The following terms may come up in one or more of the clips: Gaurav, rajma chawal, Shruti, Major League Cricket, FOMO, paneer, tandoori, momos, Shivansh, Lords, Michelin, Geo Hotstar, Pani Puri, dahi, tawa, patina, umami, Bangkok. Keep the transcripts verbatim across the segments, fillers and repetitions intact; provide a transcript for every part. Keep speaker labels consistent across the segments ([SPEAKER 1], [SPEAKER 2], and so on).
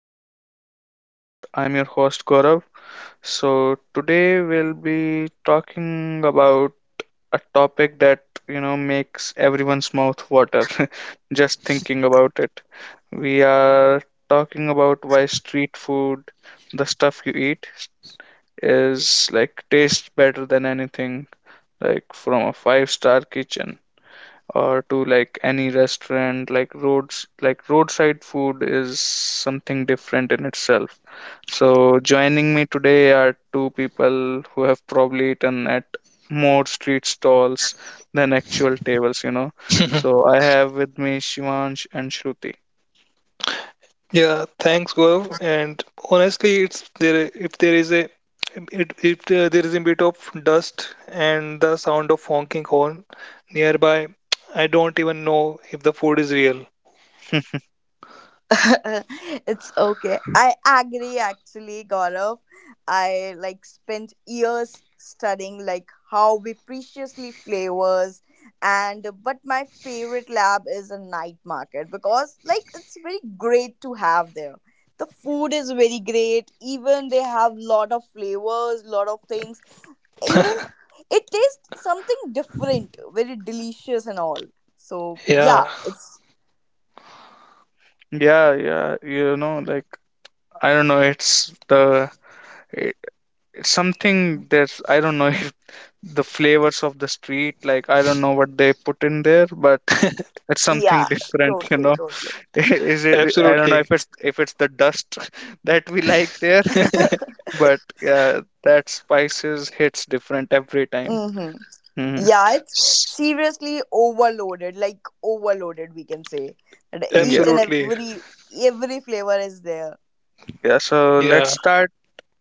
[SPEAKER 1] back to my podcast. I'm your host, Gaurav. So, today we'll be talking about a topic that, you know, makes everyone's mouth water just thinking about it. We are talking about why street food, the stuff you eat, is like tastes better than anything, like from a five-star kitchen or to like any restaurant, like roads like roadside food is something different in itself. So joining me today are two people who have probably eaten at more street stalls than actual tables you know
[SPEAKER 2] Mhm.
[SPEAKER 1] So I have with me Shivansh and Shruti.
[SPEAKER 2] Yeah, thanks, Gaurav. And honestly, it's there if there is a it, if uh, there is a bit of dust and the sound of honking horn nearby. I don't even know if the food is real.
[SPEAKER 3] It's okay. I agree actually, Gaurav. I like spent years studying like how we preciously flavors and but my favorite lab is a night market because like it's very great to have there. The food is very great. Even they have lot of flavors, lot of things. Even It tastes something different, very delicious and all. So
[SPEAKER 2] Yeah,
[SPEAKER 3] yeah, it's
[SPEAKER 1] Yeah, yeah, you know, like I don't know, it's the it- it's something that's I don't know if the flavors of the street, like I don't know what they put in there but. It's something
[SPEAKER 3] Yeah,
[SPEAKER 1] different, you
[SPEAKER 3] totally,
[SPEAKER 1] know.
[SPEAKER 3] totally.
[SPEAKER 1] Is it? I don't know
[SPEAKER 2] absolutely,
[SPEAKER 1] if it's if it's the dust that we like there, but yeah, that spices hits different every time.
[SPEAKER 3] Mm-hmm.
[SPEAKER 1] Hmm.
[SPEAKER 3] Yeah, it's seriously overloaded, like overloaded, we can say. And
[SPEAKER 1] Yeah,
[SPEAKER 3] each and
[SPEAKER 2] absolutely.
[SPEAKER 3] every every flavor is there.
[SPEAKER 1] yeah. So let's
[SPEAKER 2] Yeah,
[SPEAKER 1] start.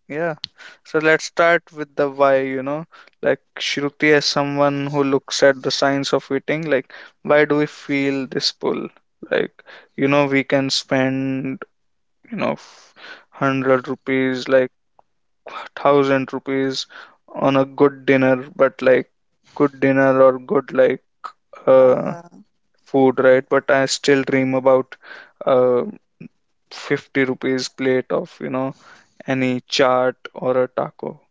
[SPEAKER 1] Yeah, so let's start with the why. You know, like Shruti, as someone who looks at the science of eating, like why do we feel this pull? Like, you know, we can spend you know f- hundred rupees, like thousand rupees on a good dinner, but like good dinner or good like uh
[SPEAKER 3] Uh-huh.
[SPEAKER 1] food, right? But I still dream about uh 50 rupees plate of, you know, any chaat or a taco.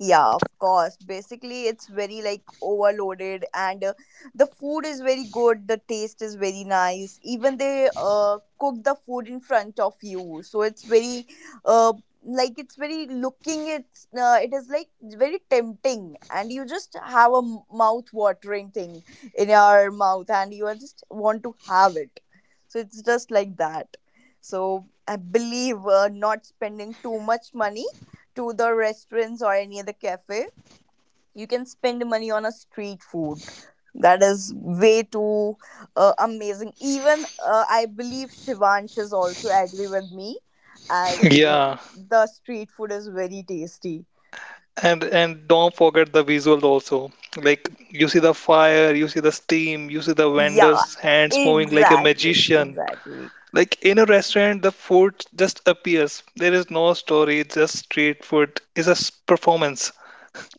[SPEAKER 3] Yeah, of course. Basically, it's very like overloaded, and uh, the food is very good. The taste is very nice. Even they uh, cook the food in front of you, so it's very uh, like it's very looking. It's uh, it is like very tempting, and you just have a mouth watering thing in your mouth, and you are just want to have it. So it's just like that. So I believe uh, not spending too much money to the restaurants or any other cafe. You can spend money on a street food. That is way too uh, amazing. Even uh, I believe Shivansh is also agree with me, as uh,
[SPEAKER 2] yeah.
[SPEAKER 3] the street food is very tasty.
[SPEAKER 2] And and don't forget the visual also. Like, you see the fire, you see the steam, you see the
[SPEAKER 3] Yeah,
[SPEAKER 2] vendor's hands moving like a
[SPEAKER 3] exactly,
[SPEAKER 2] magician.
[SPEAKER 3] exactly.
[SPEAKER 2] Like in a restaurant, the food just appears. There is no story, just street food. It's a s- performance.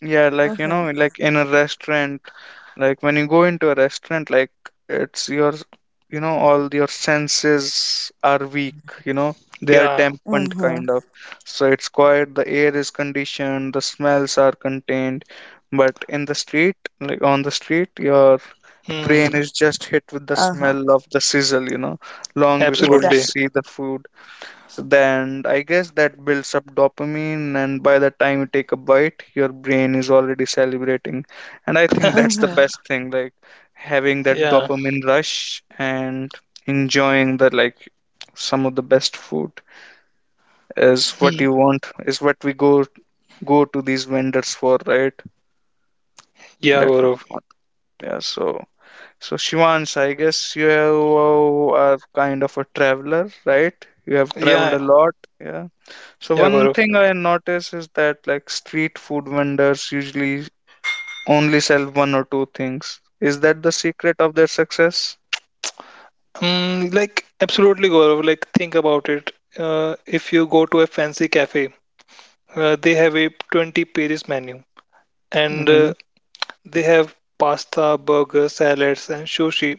[SPEAKER 1] Yeah, like, you
[SPEAKER 3] Mm-hmm.
[SPEAKER 1] know, like in a restaurant, like when you go into a restaurant, like it's your, you know, all your senses are weak, you know, they are
[SPEAKER 2] Yeah.
[SPEAKER 1] dampened
[SPEAKER 3] Mm-hmm.
[SPEAKER 1] kind of. So it's quiet, the air is conditioned, the smells are contained. But in the street, like on the street, your brain
[SPEAKER 2] Hmm.
[SPEAKER 1] is just hit with the
[SPEAKER 3] Uh-huh.
[SPEAKER 1] smell of the sizzle, you know, long before you
[SPEAKER 2] Absolutely.
[SPEAKER 3] Exactly.
[SPEAKER 1] see the food. So then I guess that builds up dopamine, and by the time you take a bite, your brain is already celebrating. And I think that's the
[SPEAKER 3] Mm-hmm.
[SPEAKER 1] best thing, like having that
[SPEAKER 2] Yeah.
[SPEAKER 1] dopamine rush and enjoying the like some of the best food is what
[SPEAKER 2] Hmm.
[SPEAKER 1] you want, is what we go go to these vendors for, right?
[SPEAKER 2] Yeah,
[SPEAKER 1] That would
[SPEAKER 2] Gaurav.
[SPEAKER 1] want. Yeah, so so Shivansh, I guess you have- are kind of a traveler, right? You have traveled
[SPEAKER 2] Yeah.
[SPEAKER 1] a lot, yeah. So
[SPEAKER 2] Yeah,
[SPEAKER 1] one
[SPEAKER 2] Gaurav.
[SPEAKER 1] thing I notice is that like street food vendors usually only sell one or two things. Is that the secret of their success?
[SPEAKER 2] Hmm. Like, absolutely, Gaurav. Like, think about it. Uh, if you go to a fancy cafe, uh, they have a twenty pages menu and uh,
[SPEAKER 1] Hmm.
[SPEAKER 2] they have pasta, burgers, salads, and sushi.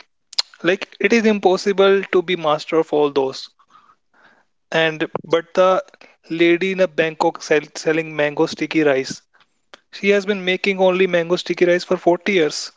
[SPEAKER 2] Like, it is impossible to be master of all those. And but the lady in a Bangkok sell, selling mango sticky rice, she has been making only mango sticky rice for forty years.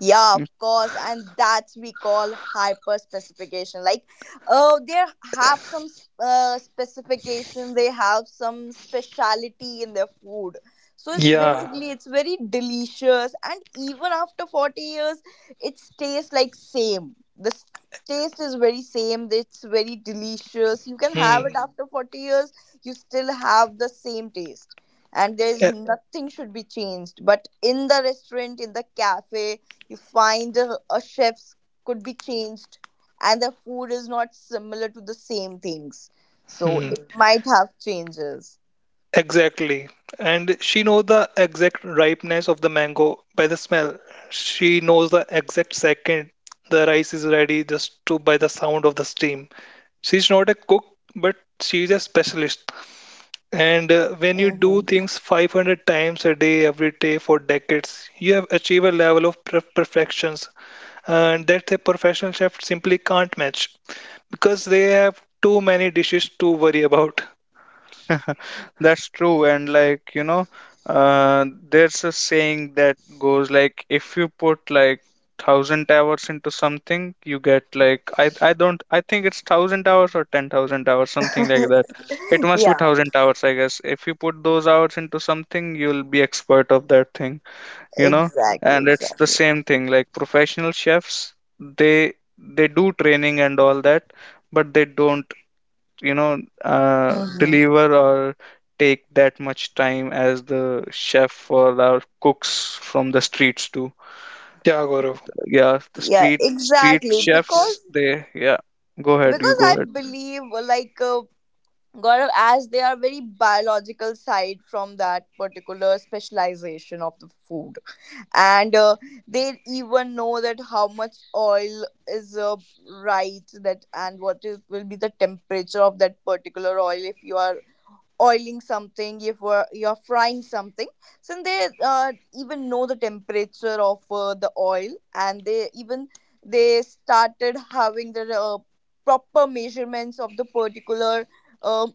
[SPEAKER 3] Yeah, of course, and that's we call hyper specification. Like, oh, they have some s- uh, specification. They have some speciality in their food. So it's yeah,
[SPEAKER 2] Yeah.
[SPEAKER 3] basically it's very delicious, and even after forty years, it tastes like same. The s- taste is very same. It's very delicious. You can have
[SPEAKER 2] Hmm.
[SPEAKER 3] it mm, after forty years. You still have the same taste. And there's
[SPEAKER 2] Yeah.
[SPEAKER 3] nothing should be changed. But in the restaurant, in the cafe, you find a, a chef's could be changed and the food is not similar to the same things, so
[SPEAKER 2] Hmm.
[SPEAKER 3] it mhm, might have changes.
[SPEAKER 2] Exactly. And she knows the exact ripeness of the mango by the smell. She knows the exact second the rice is ready just to by the sound of the steam. She's not a cook, but she's a specialist. And uh, when you do
[SPEAKER 3] Hmm.
[SPEAKER 2] things five hundred times a day, every day for decades, you have achieved a level of per- perfections, and that a professional chef simply can't match because they have too many dishes to worry about.
[SPEAKER 1] That's true. And like, you know, uh, there's a saying that goes like, if you put like thousand hours into something, you get like, I, I don't, I think it's thousand hours or ten thousand hours, something like that. It must be
[SPEAKER 3] Yeah,
[SPEAKER 1] thousand hours, I guess. If you put those hours into something, you'll be expert of that thing. you know
[SPEAKER 3] exactly,
[SPEAKER 1] and it's the
[SPEAKER 3] exactly.
[SPEAKER 1] same thing, like professional chefs, they they do training and all that, but they don't, you know uh,
[SPEAKER 3] Hmm.
[SPEAKER 1] deliver or take that much time as the chef or our cooks from the streets do.
[SPEAKER 2] Yeah, Gaurav.
[SPEAKER 1] Yeah, the
[SPEAKER 3] Yeah,
[SPEAKER 1] street street
[SPEAKER 3] exactly,
[SPEAKER 1] chefs,
[SPEAKER 3] because
[SPEAKER 1] they, yeah, go ahead, you
[SPEAKER 3] because
[SPEAKER 1] go
[SPEAKER 3] I believe like uh, Gaurav, as they are very biological side from that particular specialization of the food, and uh, they even know that how much oil is uh, right that and what is, will be the temperature of that particular oil. If you are oiling something, if uh, you are frying something, so they uh, even know the temperature of uh, the oil, and they even they started having the uh, proper measurements of the particular um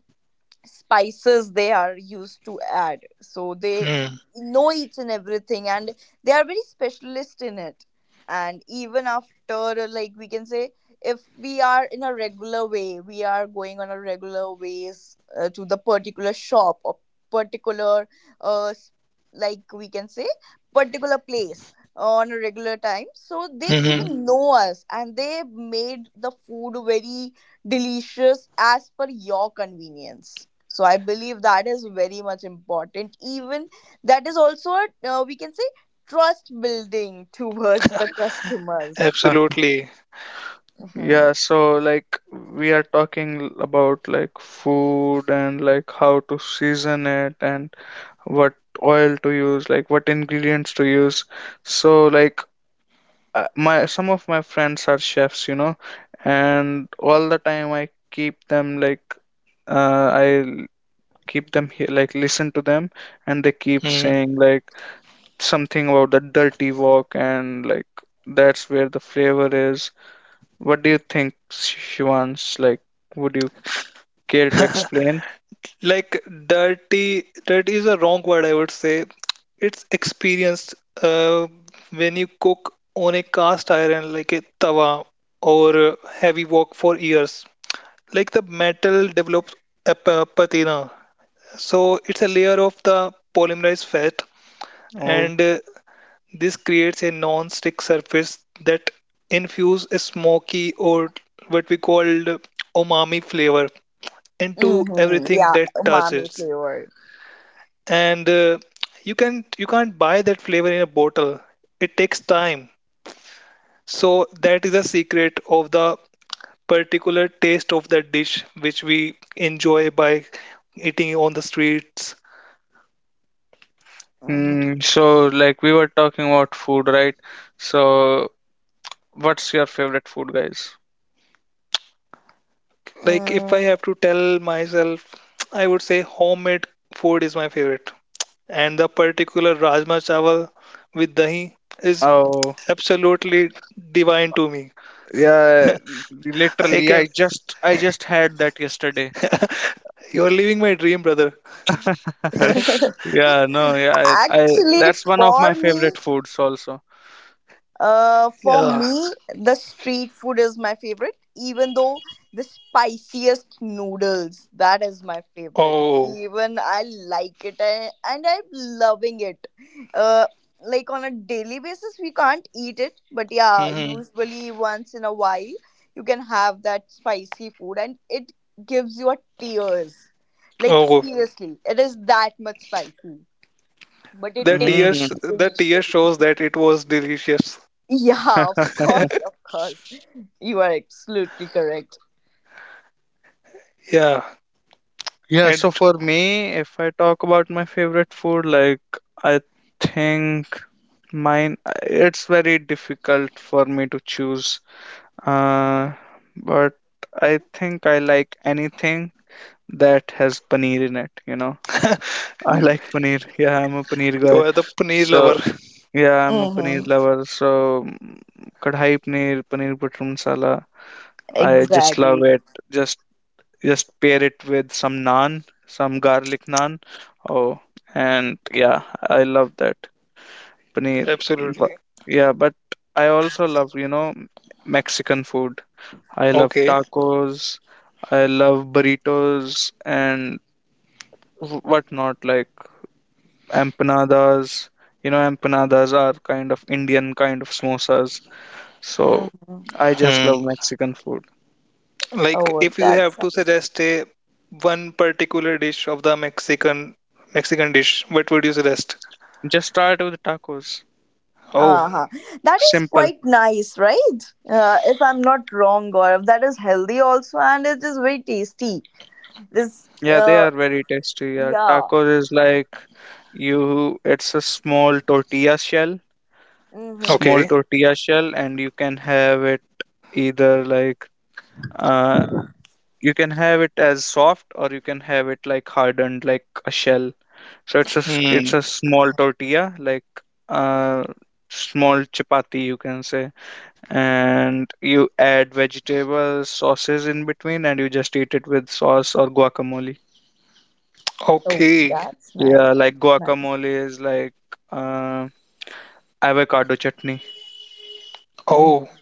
[SPEAKER 3] spices they are used to add, so they
[SPEAKER 2] Hmm.
[SPEAKER 3] know each and everything, and they are very specialist in it. And even after, like we can say, if we are in a regular way, we are going on a regular ways uh, to the particular shop or particular uh, s- like we can say particular place on a regular time, so they even
[SPEAKER 2] Hmm.
[SPEAKER 3] mhm, know us and they made the food very delicious as per your convenience. So I believe that is very much important. Even that is also a, uh, we can say, trust building towards the customers.
[SPEAKER 1] ahead.
[SPEAKER 2] Absolutely.
[SPEAKER 3] Mm-hmm.
[SPEAKER 1] Yeah, so like we are talking about like food and like how to season it and what oil to use, like what ingredients to use. So, like, uh, my some of my friends are chefs, you know and all the time I keep them like, uh, I keep them here, like, listen to them, and they keep
[SPEAKER 2] Hmm.
[SPEAKER 1] saying like something about the dirty wok and like that's where the flavor is. What do you think, Shivans, like, would you care to explain?
[SPEAKER 2] Like, dirty, dirty is a wrong word, I would say. It's experienced uh, when you cook on a cast iron like a tawa or uh, heavy wok for years. Like the metal develops a p- patina. So it's a layer of the polymerized fat,
[SPEAKER 1] Oh.
[SPEAKER 2] and uh, this creates a non-stick surface that infuse a smoky, or what we call umami flavor, into
[SPEAKER 3] Mm-hmm.
[SPEAKER 2] everything
[SPEAKER 3] Yeah,
[SPEAKER 2] that
[SPEAKER 3] umami
[SPEAKER 2] touches.
[SPEAKER 3] flavor.
[SPEAKER 2] And uh, you can you can't buy that flavor in a bottle. It takes time. So that is a secret of the particular taste of that dish which we enjoy by eating on the streets.
[SPEAKER 3] Mhm.
[SPEAKER 1] Mm, so like we were talking about food, right? So what's your favorite food, guys?
[SPEAKER 2] Like if I
[SPEAKER 3] Mm.
[SPEAKER 2] have to tell myself, I would say homemade food is my favorite. And the particular rajma chawal with dahi is
[SPEAKER 1] Oh,
[SPEAKER 2] absolutely divine to me.
[SPEAKER 1] yeah,
[SPEAKER 2] I
[SPEAKER 1] literally, I
[SPEAKER 2] can,
[SPEAKER 1] just I just had that yesterday.
[SPEAKER 2] you're living my dream, brother.
[SPEAKER 1] Yeah, no, yeah, I, I
[SPEAKER 3] Actually,
[SPEAKER 1] that's one of my
[SPEAKER 3] for me,
[SPEAKER 1] favorite foods also.
[SPEAKER 3] Uh, for
[SPEAKER 2] Yeah.
[SPEAKER 3] me, the street food is my favorite, even though the spiciest noodles, that is my favorite.
[SPEAKER 2] Oh.
[SPEAKER 3] Even I like it, and, and I'm loving it. Uh, like on a daily basis, we can't eat it, but yeah,
[SPEAKER 2] hmm
[SPEAKER 3] usually once in a while, you can have that spicy food and it gives you a tears. Like
[SPEAKER 2] Oh.
[SPEAKER 3] seriously, it is that much spicy, but it
[SPEAKER 2] The
[SPEAKER 3] tastes
[SPEAKER 1] Mm.
[SPEAKER 2] tears, the
[SPEAKER 3] delicious.
[SPEAKER 2] tear shows that it was delicious.
[SPEAKER 3] Yeah, of course, of course. You are absolutely correct.
[SPEAKER 2] Yeah.
[SPEAKER 1] Yeah,
[SPEAKER 2] And
[SPEAKER 1] so for me, if I talk about my favorite food, like I think mine, it's very difficult for me to choose. Uh, but I think I like anything that has paneer in it, you know. I like paneer. Yeah, I'm a paneer
[SPEAKER 2] you
[SPEAKER 1] guy.
[SPEAKER 2] are the paneer
[SPEAKER 1] So
[SPEAKER 2] lover.
[SPEAKER 1] yeah, I'm a paneer
[SPEAKER 3] Mm-hmm.
[SPEAKER 1] lover. So mm, kadhai paneer, paneer butter masala. I just love
[SPEAKER 3] Exactly.
[SPEAKER 1] it. Just just pair it with some naan, some garlic naan. Oh, and yeah, I love that paneer. But,
[SPEAKER 2] Absolutely.
[SPEAKER 1] yeah, but I also love, you know, Mexican food. I love
[SPEAKER 2] Okay.
[SPEAKER 1] tacos. I love burritos and wh- whatnot. Like empanadas. You know, empanadas are kind of Indian kind of samosas. So
[SPEAKER 3] Mm-hmm.
[SPEAKER 1] I just
[SPEAKER 2] Hmm.
[SPEAKER 1] love Mexican food.
[SPEAKER 2] Like,
[SPEAKER 3] Oh,
[SPEAKER 2] if you
[SPEAKER 3] that's
[SPEAKER 2] have to
[SPEAKER 3] nice.
[SPEAKER 2] suggest a one particular dish of the Mexican Mexican dish, what would you suggest?
[SPEAKER 1] Just start with tacos.
[SPEAKER 2] Oh,
[SPEAKER 3] Uh-huh. That is
[SPEAKER 1] Simple.
[SPEAKER 3] quite nice, right? Uh, if I'm not wrong, Gaurav, that is healthy also, and it is very tasty. This,
[SPEAKER 1] Yeah, they
[SPEAKER 3] uh,
[SPEAKER 1] are very tasty. Yeah,
[SPEAKER 3] yeah.
[SPEAKER 1] tacos is like you, it's a small tortilla shell,
[SPEAKER 3] Mm-hmm.
[SPEAKER 1] small
[SPEAKER 2] okay.
[SPEAKER 1] tortilla shell, and you can have it either like uh, you can have it as soft or you can have it like hardened like a shell. So it's a s- it's
[SPEAKER 2] Hmm.
[SPEAKER 1] a small tortilla, like uh small chapati, you can say, and you add vegetables, sauces in between, and you just eat it with sauce or guacamole.
[SPEAKER 3] Oh,
[SPEAKER 2] Okay.
[SPEAKER 3] that's nice.
[SPEAKER 1] Yeah, like
[SPEAKER 3] That's nice.
[SPEAKER 1] guacamole is like, uh, avocado chutney.
[SPEAKER 2] Oh.
[SPEAKER 3] Mm-hmm.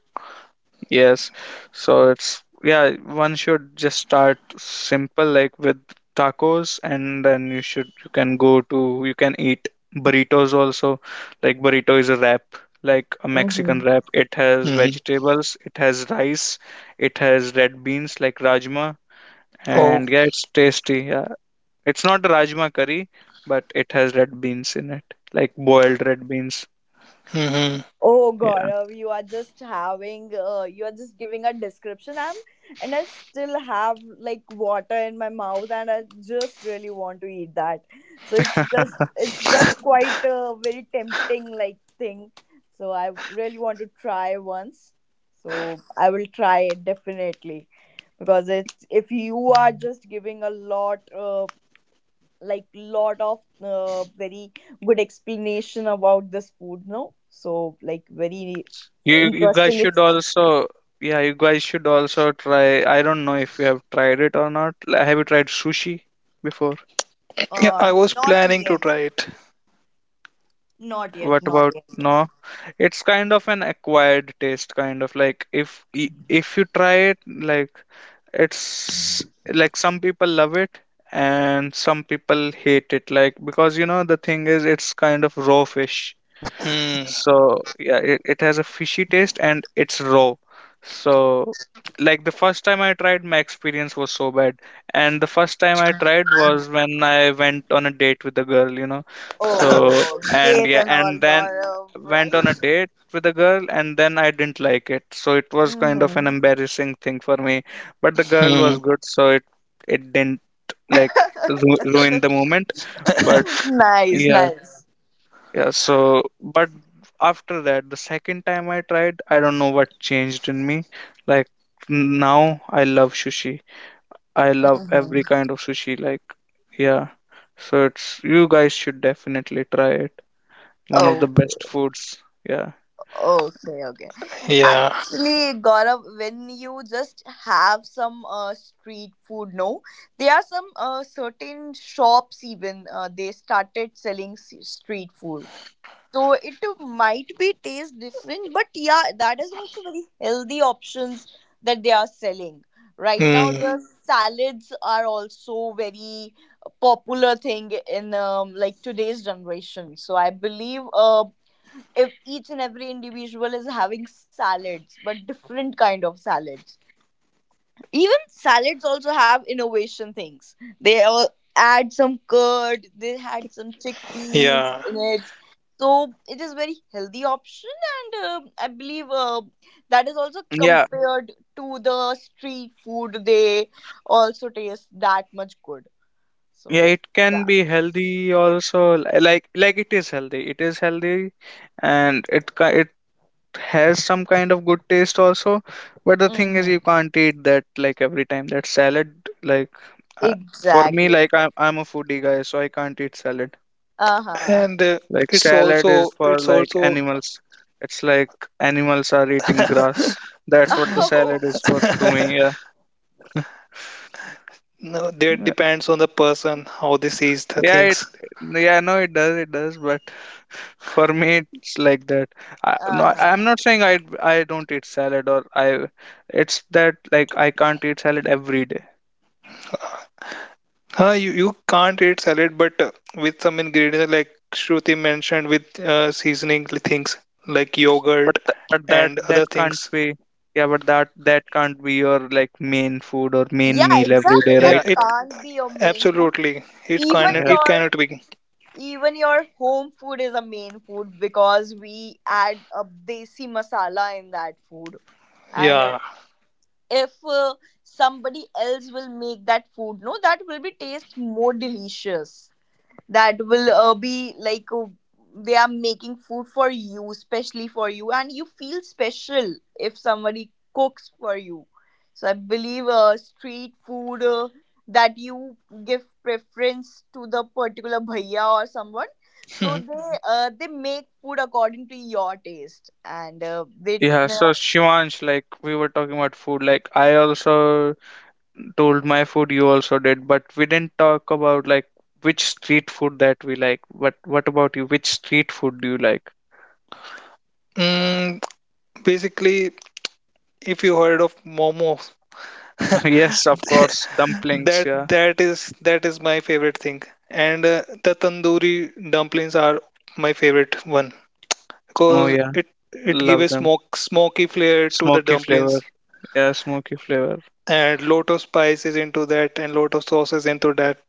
[SPEAKER 1] Yes. So it's, yeah, one should just start simple, like with tacos, and then you should, you can go to, you can eat burritos also. Like burrito is a wrap, like a Mexican
[SPEAKER 3] Mm-hmm.
[SPEAKER 1] wrap. It has
[SPEAKER 2] hmm
[SPEAKER 1] vegetables, it has rice, it has red beans like rajma,
[SPEAKER 2] Oh.
[SPEAKER 1] and yeah, it's tasty. Yeah. It's not rajma curry, but it has red beans in it, like boiled red beans.
[SPEAKER 2] hmm
[SPEAKER 3] Oh Gaurav, you are just having uh, you are just giving a description. I'm and I still have like water in my mouth, and I just really want to eat that. So it's just it's just quite a very tempting like thing. So I really want to try once. So I will try it definitely because it's if you are just giving a lot uh, like lot of uh, very good explanation about this food no, so like very
[SPEAKER 1] You you guys
[SPEAKER 3] interesting
[SPEAKER 1] should
[SPEAKER 3] it's
[SPEAKER 1] also Yeah, you guys should also try. I don't know if you have tried it or not. Like, have you tried sushi before?
[SPEAKER 2] Yeah,
[SPEAKER 3] uh
[SPEAKER 2] I was
[SPEAKER 3] not
[SPEAKER 2] planning to
[SPEAKER 3] yet,
[SPEAKER 2] try it.
[SPEAKER 3] not yet,
[SPEAKER 1] What
[SPEAKER 3] not
[SPEAKER 1] about
[SPEAKER 3] yet.
[SPEAKER 1] no? It's kind of an acquired taste, kind of like if y- if you try it, like it's like some people love it and some people hate it, like because you know the thing is it's kind of raw fish.
[SPEAKER 2] Hmm.
[SPEAKER 1] So yeah, it, it has a fishy taste and it's raw. So like the first time I tried, my experience was so bad, and the first time I tried was when I went on a date with a girl you know so
[SPEAKER 3] Oh
[SPEAKER 1] and
[SPEAKER 3] date
[SPEAKER 1] yeah,
[SPEAKER 3] and all
[SPEAKER 1] and then
[SPEAKER 3] Gaurav,
[SPEAKER 1] went
[SPEAKER 3] right.
[SPEAKER 1] on a date with a girl, and then I didn't like it, so it was kind of an
[SPEAKER 3] Mm-hmm.
[SPEAKER 1] embarrassing thing for me. But the girl was
[SPEAKER 2] Hmm.
[SPEAKER 1] good, so it it didn't like ru- ruin the moment, but
[SPEAKER 3] Nice,
[SPEAKER 1] yeah.
[SPEAKER 3] nice.
[SPEAKER 1] Yeah, so, but after that, the second time I tried, I don't know what changed in me. Like now I love sushi. I love
[SPEAKER 3] Mm-hmm.
[SPEAKER 1] every kind of sushi. Like yeah. So it's, you guys should definitely try it. One of the best
[SPEAKER 3] Okay,
[SPEAKER 1] foods. Yeah.
[SPEAKER 3] okay, okay.
[SPEAKER 2] Yeah.
[SPEAKER 3] Actually, Gaurav, when you just have some uh, street food, no, there are some uh, certain shops even uh, they started selling s- street food, so it might be taste different, but yeah, that is also very healthy options that they are selling right now. The
[SPEAKER 2] Hmm.
[SPEAKER 3] mm, salads are also very popular thing in um, like today's generation, so I believe uh, if each and every individual is having salads, but different kind of salads. Even salads also have innovation things. They all add some curd, they had some chickpeas
[SPEAKER 2] Yeah.
[SPEAKER 3] in it, so it is very healthy option. And um I believe uh, that is also
[SPEAKER 1] Yeah.
[SPEAKER 3] compared to the street food, they also taste that much good. So
[SPEAKER 1] Yeah, it can
[SPEAKER 3] yeah.
[SPEAKER 1] be healthy also. li- Like like it is healthy. It is healthy and it ki- has some kind of good taste also, but the thing is
[SPEAKER 3] Hmm,
[SPEAKER 1] you can't eat that like every time that salad, like, uh, for me,
[SPEAKER 3] exactly.
[SPEAKER 1] like I'm, I'm a foodie guy, so I can't eat salad.
[SPEAKER 3] Uh-huh.
[SPEAKER 2] And uh,
[SPEAKER 1] Like
[SPEAKER 2] it's
[SPEAKER 1] salad is
[SPEAKER 2] also
[SPEAKER 1] for
[SPEAKER 2] It's
[SPEAKER 1] like
[SPEAKER 2] also
[SPEAKER 1] animals. It's like animals are eating grass. That's what the
[SPEAKER 3] Oh.
[SPEAKER 1] salad is for to me, yeah.
[SPEAKER 2] no, that
[SPEAKER 1] yeah
[SPEAKER 2] depends on the person how they sees the
[SPEAKER 1] Yeah, it,
[SPEAKER 2] things.
[SPEAKER 1] yeah, no, it does, it does, but for me it's like that. I, no, I'm
[SPEAKER 3] Uh-huh.
[SPEAKER 1] not saying i i don't eat salad or I it's that like I can't eat salad every day.
[SPEAKER 2] Uh, you, you can't eat salad, but uh, with some ingredients like Shruti mentioned, with uh, seasoning things like
[SPEAKER 1] But
[SPEAKER 2] yogurt
[SPEAKER 1] th- but that
[SPEAKER 2] and
[SPEAKER 1] that
[SPEAKER 2] other
[SPEAKER 1] can't
[SPEAKER 2] things.
[SPEAKER 1] be, yeah, but that that can't be your like main food or main
[SPEAKER 3] Yeah,
[SPEAKER 1] meal every
[SPEAKER 3] exactly,
[SPEAKER 1] day,
[SPEAKER 3] that
[SPEAKER 2] Yeah,
[SPEAKER 1] right?
[SPEAKER 2] it
[SPEAKER 3] can't be your main food.
[SPEAKER 2] absolutely it can
[SPEAKER 3] even
[SPEAKER 1] Yeah.
[SPEAKER 2] it
[SPEAKER 3] your
[SPEAKER 2] cannot be.
[SPEAKER 3] Even your home food is a main food because we add a desi masala in that food. And uh,
[SPEAKER 2] Yeah.
[SPEAKER 3] if uh, somebody else will make that food, no, that will be taste more delicious. That will uh, be like uh, they are making food for you, especially for you, and you feel special if somebody cooks for you. So I believe uh, street food, uh, that you give preference to the particular bhaiya or someone, so
[SPEAKER 2] Mhm.
[SPEAKER 3] they mhm, uh, they make food according to your taste. And uh, they
[SPEAKER 1] Yeah, so
[SPEAKER 3] uh,
[SPEAKER 1] Shivansh, like we were talking about food, like I also told my food, you also did, but we didn't talk about like which street food that we like. But what about you? Which street food do you like?
[SPEAKER 2] Mm, Basically, if you heard of momos,
[SPEAKER 1] Yes, of course, dumplings,
[SPEAKER 2] that
[SPEAKER 1] yeah.
[SPEAKER 2] that is that is my favorite thing, and uh, the tandoori dumplings are my favorite one
[SPEAKER 1] Oh
[SPEAKER 2] because
[SPEAKER 1] yeah,
[SPEAKER 2] it it gives
[SPEAKER 1] love
[SPEAKER 2] a
[SPEAKER 1] them.
[SPEAKER 2] smoke smoky flair to the
[SPEAKER 1] Smoky flavor,
[SPEAKER 2] dumplings,
[SPEAKER 1] yeah, smoky flavor.
[SPEAKER 2] and lot of spices into that, and lot of sauces into that.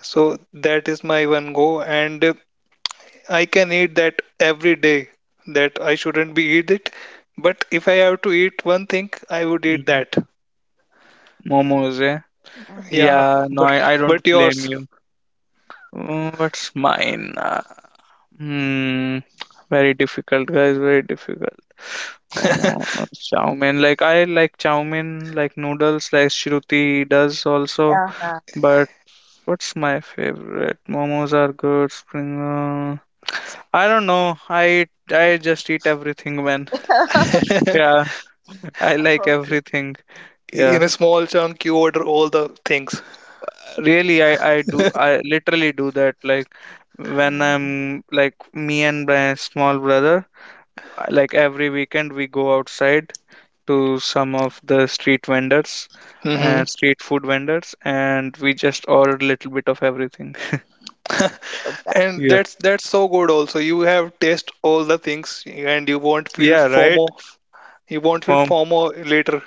[SPEAKER 2] So that is my one go, and uh, I can eat that every day. That I shouldn't be eat it, but if I have to eat one thing, I would eat
[SPEAKER 1] Hmm.
[SPEAKER 2] that.
[SPEAKER 1] Momos, yeah.
[SPEAKER 3] mhm.
[SPEAKER 2] Yeah,
[SPEAKER 1] Yeah, no,
[SPEAKER 2] but
[SPEAKER 1] I, I don't
[SPEAKER 2] but
[SPEAKER 1] blame
[SPEAKER 2] yours.
[SPEAKER 1] you. Mm. What's mine? Uh, hmm, very difficult, guys. Very difficult. Momo, uh, chow mein. Like I like chow mein, like noodles, like Shruti does also.
[SPEAKER 3] Uh-huh.
[SPEAKER 1] But what's my favorite? Momos are good. Spring roll. I don't know. I eat, I just eat everything, man. Yeah, I like
[SPEAKER 3] Okay.
[SPEAKER 1] everything. Yeah,
[SPEAKER 2] In a small chunk, you order all the things.
[SPEAKER 1] really, I I do. I literally do that. Like when
[SPEAKER 3] Mhm.
[SPEAKER 1] I'm, like me and my small brother, like every weekend we go outside to some of the street vendors
[SPEAKER 2] Hmm
[SPEAKER 1] and street food vendors, and we just order a little bit of everything.
[SPEAKER 3] Okay.
[SPEAKER 2] And
[SPEAKER 1] Yeah,
[SPEAKER 2] that's that's so good also. You have taste all the things and you won't feel
[SPEAKER 1] yeah, right.
[SPEAKER 2] FOMO. You won't feel
[SPEAKER 1] Form.
[SPEAKER 2] FOMO later.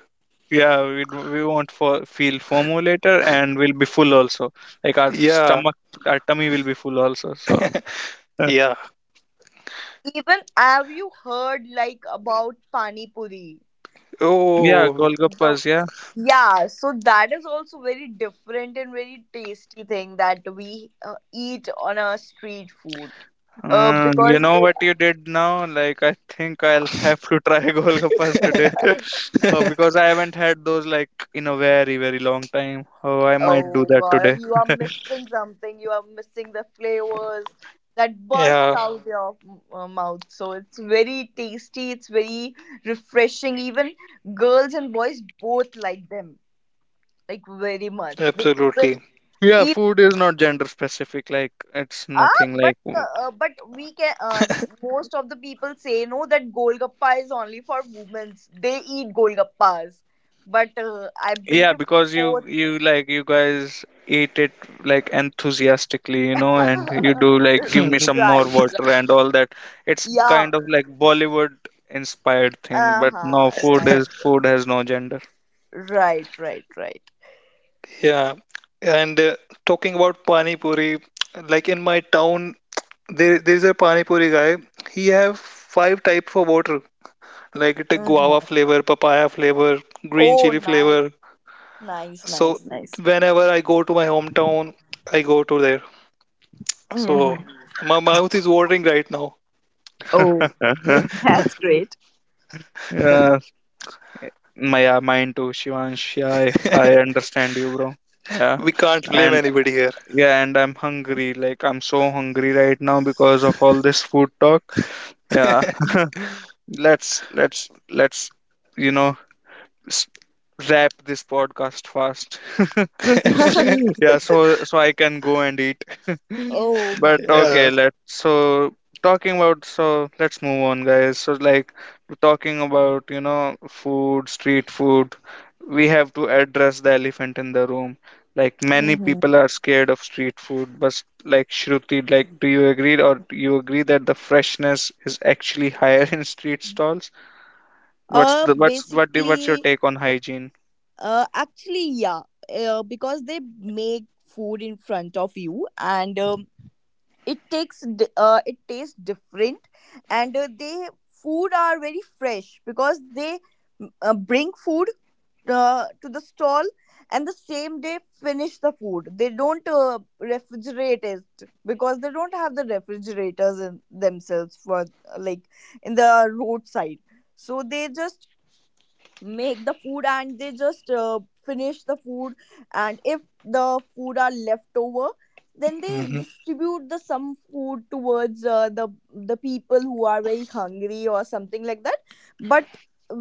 [SPEAKER 1] Yeah, we, d- we won't for, feel FOMO later, and we'll be full also, like our
[SPEAKER 2] Yeah,
[SPEAKER 1] stomach our tummy will be full also. So, uh,
[SPEAKER 2] yeah.
[SPEAKER 3] Even have you heard like about pani puri?
[SPEAKER 1] yeah,
[SPEAKER 2] Oh,
[SPEAKER 3] So
[SPEAKER 1] golgappas, yeah.
[SPEAKER 3] yeah, so that is also very different and very tasty thing that we uh, eat on a street food. Uh,
[SPEAKER 1] Uh, you
[SPEAKER 3] because
[SPEAKER 1] know
[SPEAKER 3] they,
[SPEAKER 1] what you did now? Like, I think I'll have to try golgappas today. uh, because I haven't had those like in a very, very long time. Oh, I might do
[SPEAKER 3] oh
[SPEAKER 1] that
[SPEAKER 3] god,
[SPEAKER 1] today.
[SPEAKER 3] you are missing something. You are missing the flavors that burst
[SPEAKER 2] Yeah,
[SPEAKER 3] out your uh, mouth. So it's very tasty. It's very refreshing. Even girls and boys both like them like very
[SPEAKER 2] absolutely.
[SPEAKER 3] much. They even
[SPEAKER 1] Yeah,
[SPEAKER 3] eat
[SPEAKER 1] food is not gender specific. Like, it's
[SPEAKER 3] ah,
[SPEAKER 1] nothing like.
[SPEAKER 3] but
[SPEAKER 1] w-
[SPEAKER 3] uh, uh, but we can. Uh, most of the people say no that golgappa is only for women. They eat golgappas, but uh, I
[SPEAKER 1] Yeah,
[SPEAKER 3] believe
[SPEAKER 1] because you
[SPEAKER 3] both.
[SPEAKER 1] you like you guys eat it, like, enthusiastically, you know, and you do like give me some more
[SPEAKER 3] Right.
[SPEAKER 1] water and all that. It's
[SPEAKER 3] Yeah.
[SPEAKER 1] kind of like Bollywood inspired thing,
[SPEAKER 3] Uh
[SPEAKER 1] but
[SPEAKER 3] huh.
[SPEAKER 1] no, food
[SPEAKER 3] Right.
[SPEAKER 1] is food has no gender.
[SPEAKER 3] Right. Right. Right.
[SPEAKER 2] Yeah. And uh, Talking about Pani Puri, like in my town, there there's a Pani Puri guy. He have five types of water, like it a guava
[SPEAKER 3] Hmm.
[SPEAKER 2] flavor, papaya flavor, green
[SPEAKER 3] Oh,
[SPEAKER 2] chili
[SPEAKER 3] nice.
[SPEAKER 2] flavor.
[SPEAKER 3] Nice.
[SPEAKER 2] So
[SPEAKER 3] Nice. Nice.
[SPEAKER 2] whenever I go to my hometown, I go to there. So
[SPEAKER 3] Hmm.
[SPEAKER 2] my mouth is watering right now.
[SPEAKER 3] Oh, that's great.
[SPEAKER 1] Yeah, my mind too, Shivansh. Yeah, I, I understand you, bro. Yeah,
[SPEAKER 2] We can't blame
[SPEAKER 1] and
[SPEAKER 2] anybody here.
[SPEAKER 1] yeah, and I'm hungry. Like I'm so hungry right now because of all this food talk. Yeah, let's let's let's you know s- wrap this podcast fast. Yeah, so so I can go and eat.
[SPEAKER 3] Oh
[SPEAKER 1] But
[SPEAKER 3] my god.
[SPEAKER 1] okay,
[SPEAKER 2] Yeah.
[SPEAKER 1] let so, talking about, so let's move on, guys. So like talking about, you know, food, street food, we have to address the elephant in the room. Like many
[SPEAKER 3] Hmm.
[SPEAKER 1] people are scared of street food, but like Shruti, like do you agree or do you agree that the freshness is actually higher in street stalls? What's
[SPEAKER 3] Uh,
[SPEAKER 1] the what's what do, what's your
[SPEAKER 3] basically,
[SPEAKER 1] take on hygiene?
[SPEAKER 3] Uh, actually, yeah, uh, because they make food in front of you, and um, it takes di- uh, it tastes different, and uh, they food are very fresh because they mm, uh, bring food uh, to the stall and the same day finish the food. They don't uh, refrigerate it because they don't have the refrigerators in themselves for uh, like in the roadside. So they just make the food and they just uh, finish the food. And if the food are left over, then they
[SPEAKER 2] Mhm.
[SPEAKER 3] distribute the some food towards uh, the the people who are very hungry or something like that. But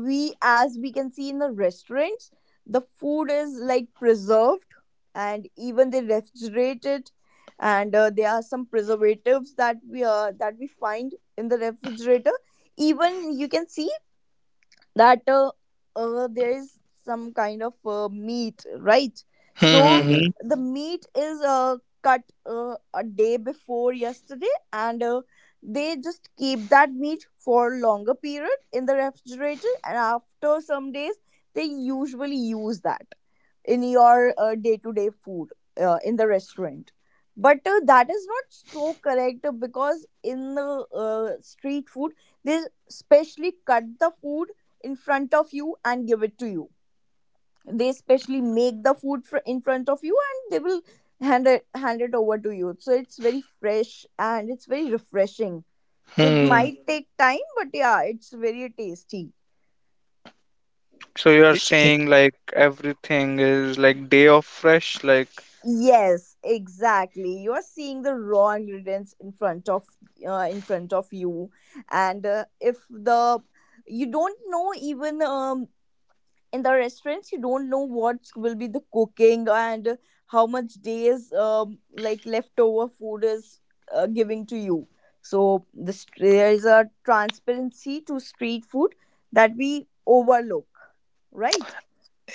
[SPEAKER 3] we, as we can see in the restaurants, the food is like preserved, and even they refrigerate it, and uh, there are some preservatives that we uh, that we find in the refrigerator. Even you can see that uh, uh, there is some kind of uh, meat, right? So
[SPEAKER 1] Mm-hmm.
[SPEAKER 2] hmm
[SPEAKER 3] the meat is uh, cut uh, a day before yesterday, and uh, they just keep that meat for longer period in the refrigerator, and after some days, they usually use that in your uh, day-to-day food uh, in the restaurant. But uh, that is not so correct uh, because in the uh, street food, they specially cut the food in front of you and give it to you. They specially make the food fr- in front of you and they will hand it hand it over to you. So it's very fresh and it's very refreshing. So it
[SPEAKER 2] hmm
[SPEAKER 3] might mhm, take time, but yeah, it's very tasty.
[SPEAKER 1] So you are
[SPEAKER 2] hmm
[SPEAKER 1] saying like everything is like day of fresh, like
[SPEAKER 3] Yes, exactly. You are seeing the raw ingredients in front of uh, in front of you, and uh, if the you don't know even um, in the restaurants you don't know what will be the cooking and how much days um, like leftover food is uh, giving to you. So this there is a transparency to street food that we overlook, right.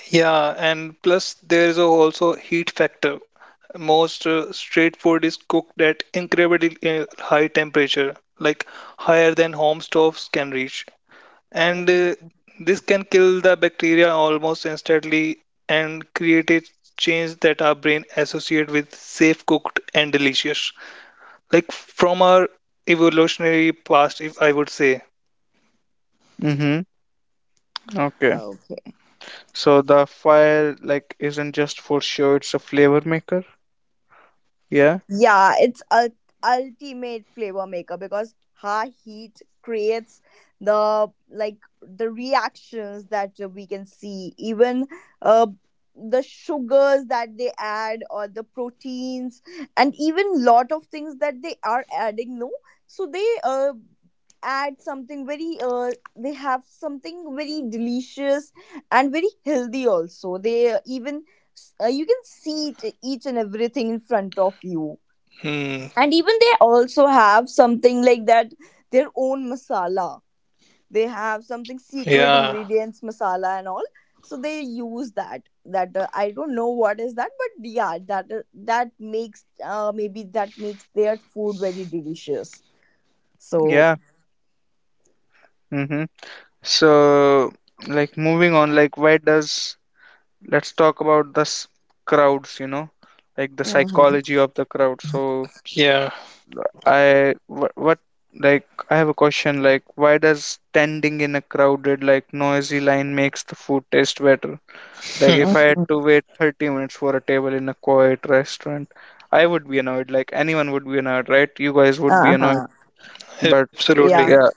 [SPEAKER 2] Yeah, and plus there is also heat factor. Most uh, street food is cooked at incredibly uh, high temperature, like higher than home stoves can reach. And
[SPEAKER 3] Mhm.
[SPEAKER 2] uh, this can kill the bacteria almost instantly and create a change that our brain associate with safe cooked and delicious. Like from our evolutionary past, if I would say.
[SPEAKER 1] mm-hmm. Okay.
[SPEAKER 3] Okay.
[SPEAKER 1] So the fire like isn't just for show, it's a flavor maker. Yeah.
[SPEAKER 3] Yeah, it's a ultimate flavor maker because high heat creates the like the reactions that we can see, even uh, the sugars that they add or the proteins, and even lot of things that they are adding. No, so they uh, add something very uh, they have something very delicious and very healthy also. They uh, even s- uh, you can see it each and everything in front of you,
[SPEAKER 2] Hmm,
[SPEAKER 3] and even they also have something like that, their own masala. They have something secret
[SPEAKER 2] yeah,
[SPEAKER 3] ingredients masala and all, so they use that that uh, I don't know what is that, but yeah, that uh, that makes uh, maybe that makes their food very delicious. So
[SPEAKER 1] Yeah. Mm-hmm. So like moving on, like why does, let's talk about this crowds, you know, like the
[SPEAKER 3] mhm,
[SPEAKER 1] psychology of the crowd. So
[SPEAKER 2] yeah,
[SPEAKER 1] I wh- what, like I have a question, like why does standing in a crowded like noisy line makes the food taste better? Like if I had
[SPEAKER 3] mhm,
[SPEAKER 1] to wait 30 minutes for a table in a quiet restaurant, I would be annoyed. Like anyone would be annoyed, right? You guys would be annoyed.
[SPEAKER 3] uh-huh,
[SPEAKER 1] But
[SPEAKER 2] absolutely.
[SPEAKER 3] yeah.
[SPEAKER 1] yeah,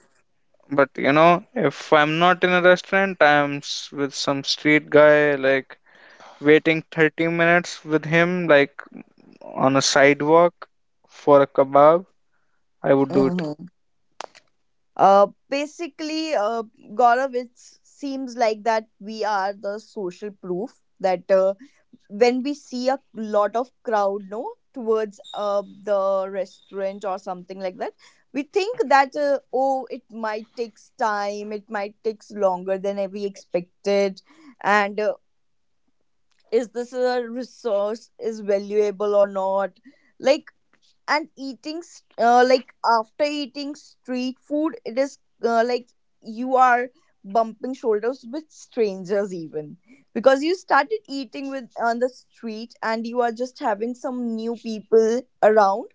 [SPEAKER 1] but you know, if I'm not in a restaurant, I'm s- with some street guy, like waiting 30 minutes with him, like on a sidewalk for a kebab, I would do it.
[SPEAKER 3] Hmm, uh, basically uh, Gaurav, it seems like that we are the social proof that uh, when we see a lot of crowd no towards uh, the restaurant or something like that, we think that uh, oh, it might takes time, it might takes longer than we expected. And uh, is this a resource is valuable or not, like. And eating s- uh, like after eating street food, it is uh, like you are bumping shoulders with strangers, even because you started eating with on the street and you are just having some new people around,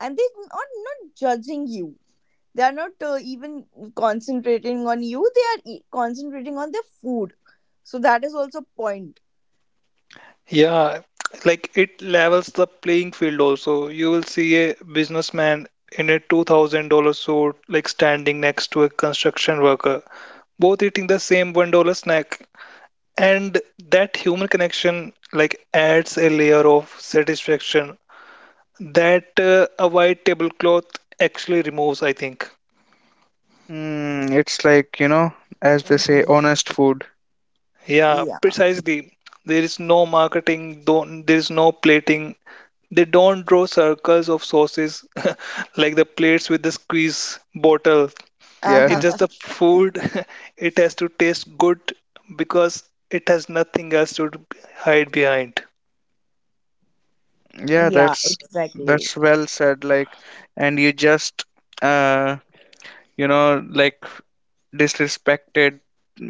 [SPEAKER 3] and they are not judging you. They are not uh, even concentrating on you. they are e- concentrating on their food. So that is also point.
[SPEAKER 2] Yeah, like it levels the playing field also. You will see a businessman in a two thousand dollar suit, like standing next to a construction worker, both eating the same one dollar snack. And that human connection, like, adds a layer of satisfaction that uh, a white tablecloth actually removes, I think.
[SPEAKER 1] Mm, it's like, you know, as they say,
[SPEAKER 3] Hmm.
[SPEAKER 1] honest food.
[SPEAKER 2] Yeah,
[SPEAKER 3] Yeah.
[SPEAKER 2] precisely. There is no marketing, don't, there is no plating. They don't draw circles of sauces like the plates with the squeeze bottle.
[SPEAKER 1] Yeah.
[SPEAKER 2] It's just the food. It has to taste good because it has nothing else to hide behind.
[SPEAKER 1] Yeah,
[SPEAKER 3] Yeah,
[SPEAKER 1] that's
[SPEAKER 3] exactly.
[SPEAKER 1] that's well said. Like, and you just uh you know, like disrespected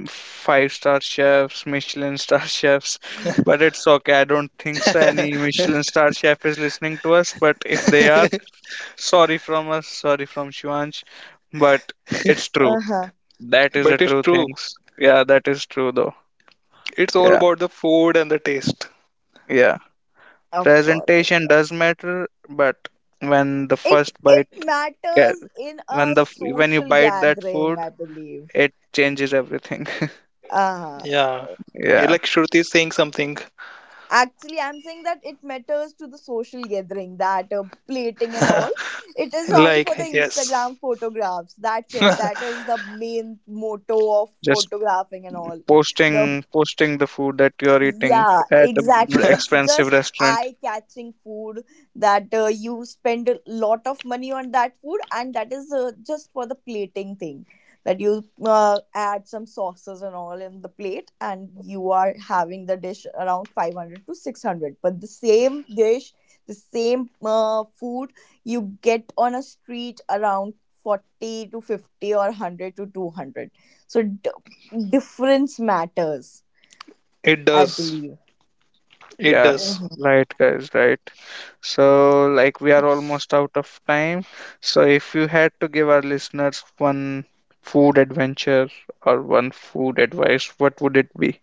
[SPEAKER 1] five star chefs, Michelin star chefs, but it's okay. I don't think so any Michelin star chef is listening to us, but if they are, sorry from us, sorry from Shivansh, but it's true. That is the
[SPEAKER 2] But it's
[SPEAKER 1] true
[SPEAKER 2] true.
[SPEAKER 1] things, yeah, that is true though.
[SPEAKER 2] It's all
[SPEAKER 1] Yeah,
[SPEAKER 2] about the food and the taste.
[SPEAKER 1] yeah.
[SPEAKER 3] Of course.
[SPEAKER 1] Presentation does matter, but when the
[SPEAKER 3] It
[SPEAKER 1] first
[SPEAKER 3] it
[SPEAKER 1] bite. Yeah,
[SPEAKER 3] matters in
[SPEAKER 1] when
[SPEAKER 3] a
[SPEAKER 1] the f- when you
[SPEAKER 3] social
[SPEAKER 1] bite that
[SPEAKER 3] gathering,
[SPEAKER 1] food,
[SPEAKER 3] I believe.
[SPEAKER 1] it changes everything.
[SPEAKER 3] Uh,
[SPEAKER 2] Yeah. Yeah,
[SPEAKER 1] Yeah,
[SPEAKER 2] like Shruti is saying something.
[SPEAKER 3] actually, I'm saying that it matters to the social gathering, that uh, plating and all. It is only for the
[SPEAKER 2] Like, yes,
[SPEAKER 3] Instagram photographs. That's it. That is the main motto of
[SPEAKER 1] just
[SPEAKER 3] photographing and all. The
[SPEAKER 1] posting posting the food that you are eating
[SPEAKER 3] Yeah,
[SPEAKER 1] at a r-
[SPEAKER 3] exactly. It's
[SPEAKER 1] expensive
[SPEAKER 3] just
[SPEAKER 1] restaurant.
[SPEAKER 3] eye-catching food that uh, you spend a lot of money on that food, and that is uh, just for the plating thing, that you uh, add some sauces and all in the plate, and you are having the dish around five hundred to six hundred. But the same dish, the same uh, food you get on a street around forty to fifty or one hundred to two hundred. So d Difference matters,
[SPEAKER 2] it
[SPEAKER 3] I
[SPEAKER 2] does.
[SPEAKER 3] believe.
[SPEAKER 2] It
[SPEAKER 1] Yeah,
[SPEAKER 2] does.
[SPEAKER 3] Mhm.
[SPEAKER 1] right, guys, right. So like we are almost out of time. So if you had to give our listeners one food adventure or one food advice, what would it be?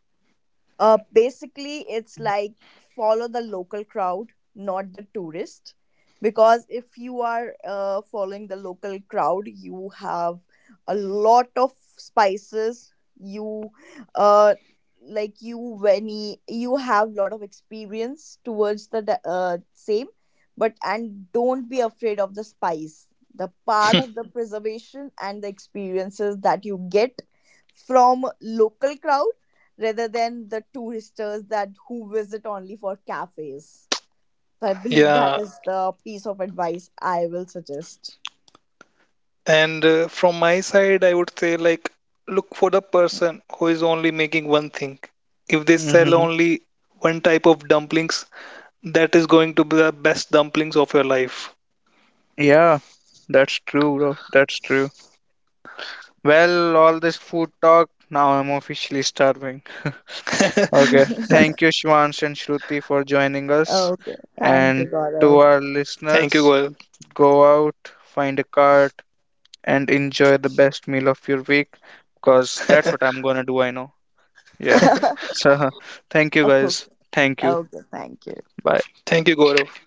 [SPEAKER 3] Uh, basically, it's like follow the local crowd, not the tourist. Because if you are uh, following the local crowd, you have a lot of spices. You, uh, like you when y- you have lot of experience towards the di- uh, same, but and don't be afraid of the spice. The part of the preservation and the experiences that you get from local crowd rather than the touristers that who visit only for cafes. So I believe that
[SPEAKER 2] Yeah,
[SPEAKER 3] is the piece of advice I will suggest.
[SPEAKER 2] And uh, from my side, I would say like look for the person who is only making one thing. If they sell
[SPEAKER 1] Hmm.
[SPEAKER 2] only one type of dumplings, that is going to be the best dumplings of your life.
[SPEAKER 1] Yeah, that's true, bro, that's true. Well, all this food talk, now I'm officially starving. Okay. Thank
[SPEAKER 3] Okay,
[SPEAKER 1] you, Shivans and Shruti, for joining us.
[SPEAKER 3] thank
[SPEAKER 1] And
[SPEAKER 3] you,
[SPEAKER 1] to
[SPEAKER 3] Gaurav.
[SPEAKER 1] our
[SPEAKER 2] Thank you,
[SPEAKER 1] listeners,
[SPEAKER 2] Gaurav.
[SPEAKER 1] go out, find a cart, and enjoy the best meal of your week, because that's what I'm gonna do. I know. Yeah. So, thank you,
[SPEAKER 3] Okay,
[SPEAKER 1] guys. Thank you.
[SPEAKER 3] okay, thank you.
[SPEAKER 1] Bye.
[SPEAKER 2] Thank you, Gaurav.